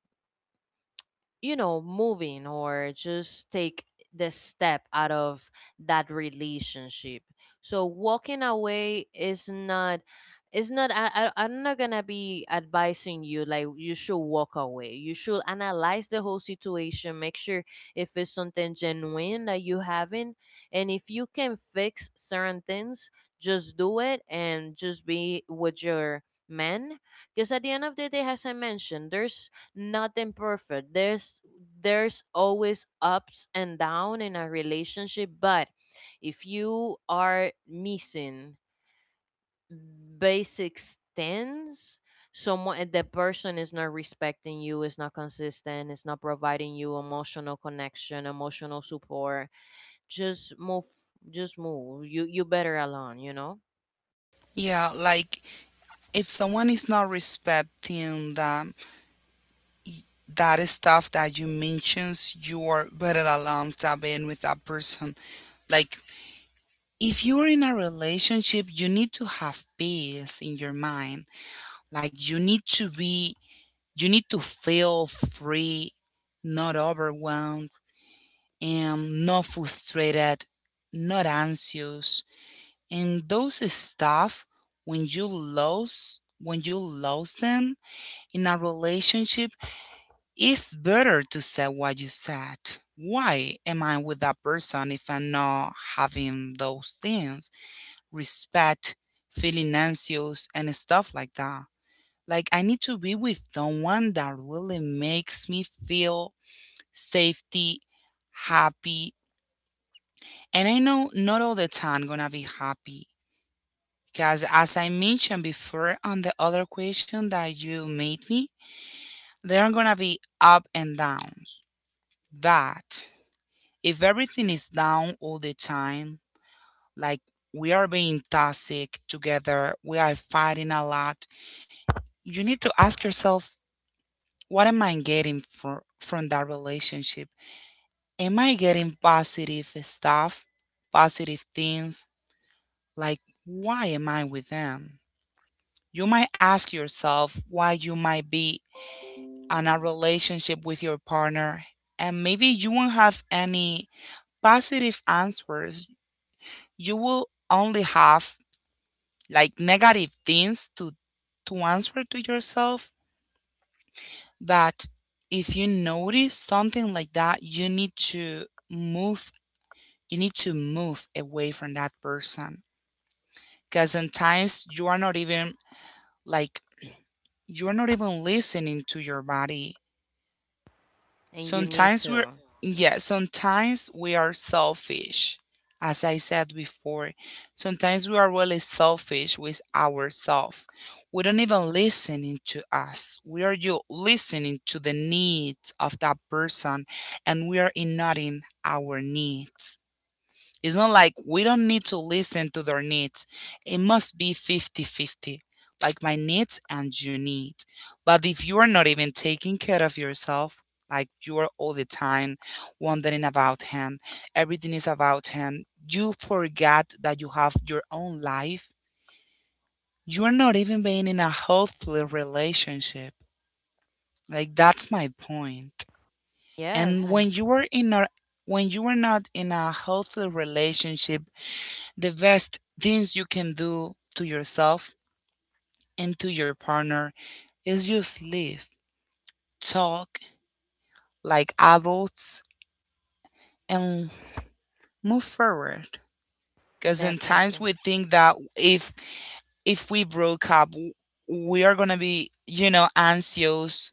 Speaker 1: you know, moving, or just take the step out of that relationship. So walking away is not it's not, I'm not gonna be advising you like you should walk away. You should analyze the whole situation, make sure if it's something genuine that you haven't, and if you can fix certain things, just do it and just be with your man. Because at the end of the day, as I mentioned, there's nothing perfect. There's always ups and down in a relationship, but if you are missing basic things, someone the person is not respecting you, is not consistent, is not providing you emotional connection, emotional support, just move. Just move. You better alone, you know?
Speaker 2: Yeah, like if someone is not respecting that stuff that you mentions, you're better alarms than being with that person. Like if you're in a relationship, you need to have peace in your mind. Like you need to be You need to feel free, not overwhelmed, and not frustrated, not anxious. And those stuff, when you lose them in a relationship, it's better to say what you said. Why am I with that person if I'm not having those things? Respect, feeling anxious, and stuff like that. Like, I need to be with someone that really makes me feel safety, happy. And I know not all the time gonna be happy. Because as I mentioned before on the other question that you made me, there are gonna be up and downs. But if everything is down all the time, like we are being toxic together, we are fighting a lot, you need to ask yourself, what am I getting from that relationship? Am I getting positive stuff, positive things? Like, why am I with them? You might ask yourself why you might be in a relationship with your partner, and maybe you won't have any positive answers. You will only have like negative things to answer to yourself, that if you notice something like that, you need to move away from that person. Because sometimes like you're not even listening to your body.
Speaker 1: And you need
Speaker 2: Sometimes we're,
Speaker 1: to.
Speaker 2: yeah, sometimes we are selfish. As I said before, sometimes we are really selfish with ourselves. We don't even listening to us. We are you listening to the needs of that person and we are ignoring our needs. It's not like we don't need to listen to their needs. It must be fifty-fifty, like my needs and your needs. But if you are not even taking care of yourself, like you are all the time wondering about him, everything is about him, you forgot that you have your own life, you are not even being in a healthy relationship. Like that's my point.
Speaker 1: Yes,
Speaker 2: And
Speaker 1: I-
Speaker 2: when you are not in a healthy relationship, the best things you can do to yourself and to your partner is just live, talk like adults, and move forward. Because sometimes
Speaker 1: definitely.
Speaker 2: we think that if we broke up, we are gonna be anxious.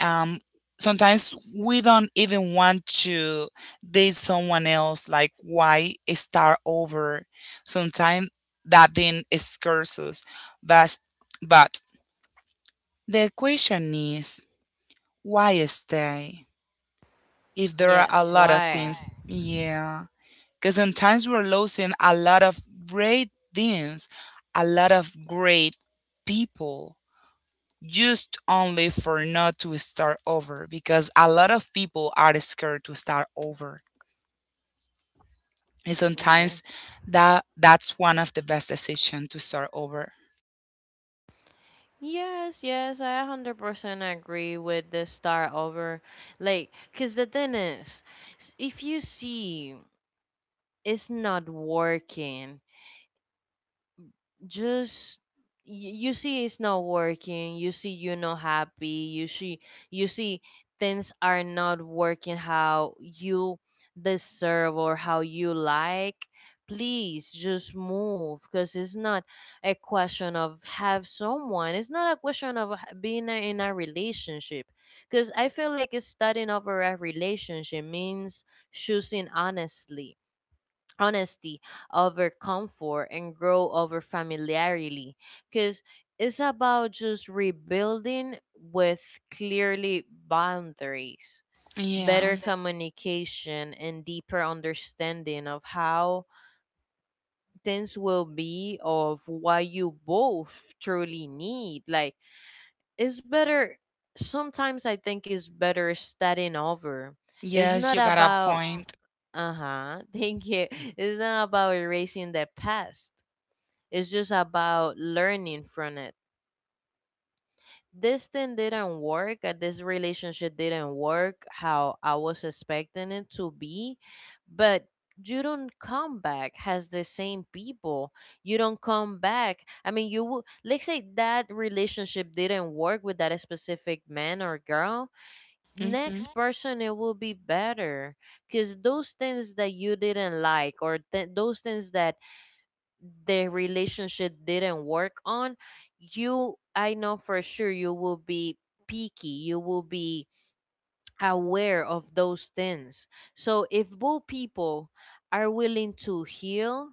Speaker 2: Um, sometimes we don't even want to date someone else. Like why start over? Sometimes that thing scares us. But but The question is, why stay if there are
Speaker 1: Yes.
Speaker 2: a lot of
Speaker 1: Why?
Speaker 2: things? Yeah, because sometimes we're losing a lot of great things, a lot of great people, just only for not to start over. Because a lot of people are scared to start over, and
Speaker 1: Mm, yeah.
Speaker 2: sometimes that's one of the best decision to start over.
Speaker 1: Yes, yes, I 100% agree with the start over. Like, because the thing is, if you see it's not working, just you see it's not working, you see you're not happy, you see, you see things are not working how you deserve or how you like. Please just move, because it's not a question of have someone, it's not a question of being in a relationship. Because I feel like it's starting over a relationship means choosing honestly honesty over comfort, and grow over familiarity. Because it's about just rebuilding with clearly boundaries,
Speaker 2: Yeah.
Speaker 1: better communication, and deeper understanding of how things will be, of what you both truly need. Like, it's better, sometimes I think it's better starting over. It's
Speaker 2: Yes,
Speaker 1: not
Speaker 2: you got a
Speaker 1: about
Speaker 2: point.
Speaker 1: uh-huh thank you, it's not about erasing the past, it's just about learning from it. This thing didn't work, this relationship didn't work how I was expecting it to be, but you don't come back as the same people. You don't come back. I mean, you let's say that relationship didn't work with that specific man or girl.
Speaker 2: Hmm.
Speaker 1: Next person, it will be better, because those things that you didn't like, or those things that the relationship didn't work on, you, I know for sure you will be picky. You will be aware of those things. So if both people are willing to heal,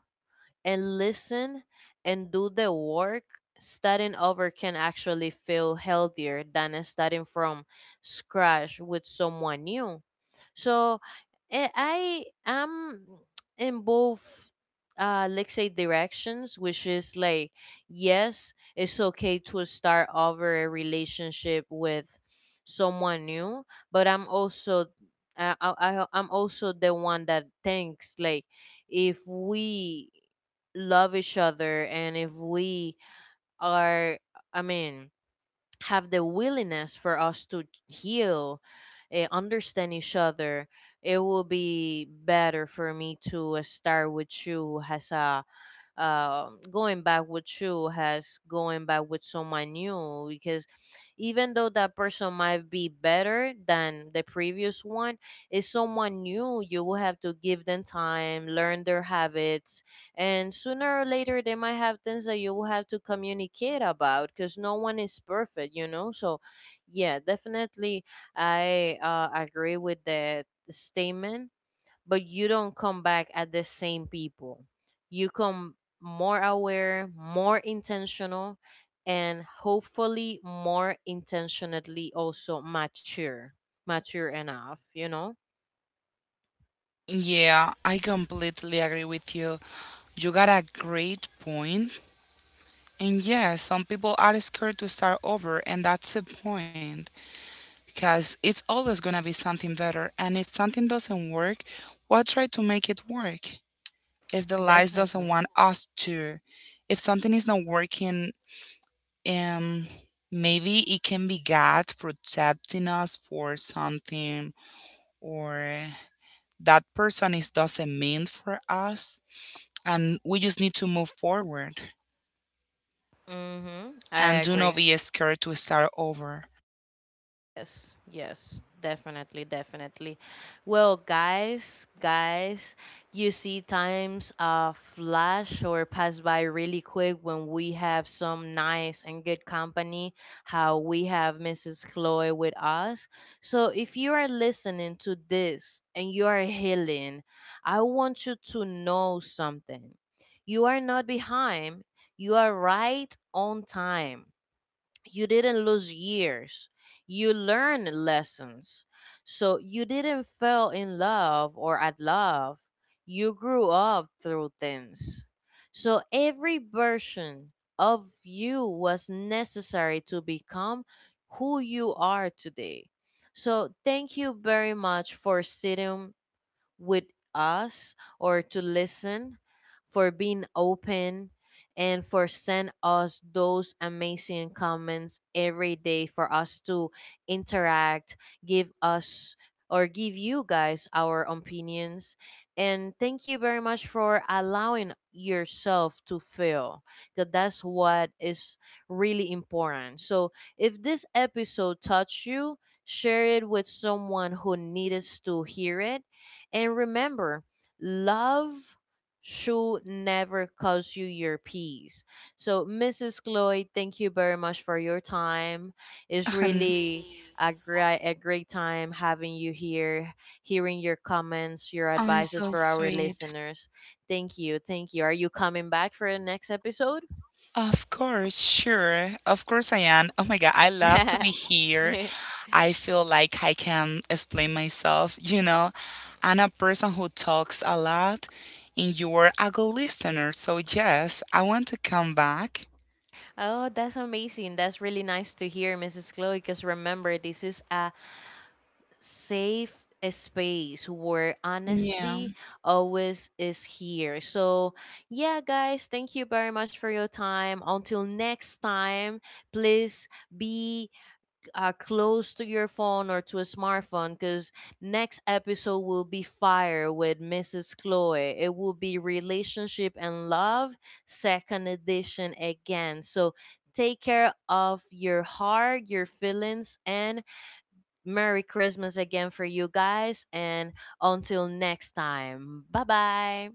Speaker 1: and listen, and do the work, starting over can actually feel healthier than starting from scratch with someone new. So I am in both let's say directions, which is like, yes, it's okay to start over a relationship with someone new, but I'm also, I'm also the one that thinks like, if we love each other, and if we are, i mean have the willingness for us to heal, understand each other, it will be better for me to start with you as a going back with you has going back with someone new, because even though that person might be better than the previous one, it's someone new. You will have to give them time, learn their habits, and sooner or later they might have things that you will have to communicate about, because no one is perfect, you know. So, yeah, definitely, I agree with that statement, but you don't come back at the same people. You come more aware, more intentional, and hopefully more intentionally also mature, mature enough, you know?
Speaker 2: Yeah, I completely agree with you. You got a great point. And yes, some people are scared to start over, and that's the point because it's always going to be something better. And if something doesn't work, we'll try to make it work. If the lies doesn't
Speaker 1: Definitely.
Speaker 2: want us to, if something is not working, um, maybe it can be God protecting us for something, or that person is doesn't mean for us, and we just need to move forward.
Speaker 1: Mhm. I
Speaker 2: And do not
Speaker 1: agree.
Speaker 2: be scared to start over.
Speaker 1: Yes, yes, definitely, definitely. Well, guys, guys, you see times flash or pass by really quick when we have some nice and good company, how we have Mrs. Chloe with us. So if you are listening to this and you are healing, I want you to know something. You are not behind, you are right on time. You didn't lose years, you learned lessons. So you didn't fall in love or at love, you grew up through things. So every version of you was necessary to become who you are today. So thank you very much for sitting with us or to listen, for being open, and for send us those amazing comments every day for us to interact, give us, or give you guys our opinions. And thank you very much for allowing yourself to feel, because that's what is really important. So if this episode touched you, share it with someone who needs to hear it, and remember, love should never cost you your peace. So, Mrs. Chloe, thank you very much for your time. It's
Speaker 2: And
Speaker 1: really a great time having you here, hearing your comments, your
Speaker 2: I'm
Speaker 1: advices
Speaker 2: so
Speaker 1: for our
Speaker 2: sweet.
Speaker 1: listeners. Thank you. Thank you. Are you coming back for the next episode?
Speaker 2: Of course, sure. Of course I am. Oh my God, I love to be here. I feel like I can explain myself. I'm a person who talks a lot, and you're a good listener. So, yes, I want to come back.
Speaker 1: Oh, that's amazing. That's really nice to hear, Mrs. Chloe, because remember, this is a safe space where
Speaker 2: Yeah.
Speaker 1: honestly always is here. So, yeah, guys, thank you very much for your time. Until next time, please be close to your phone or to a smartphone, because next episode will be fire with Mrs. Chloe. It will be relationship and love, second edition again. So, take care of your heart, your feelings, and Merry Christmas again for you guys, and until next time, bye bye.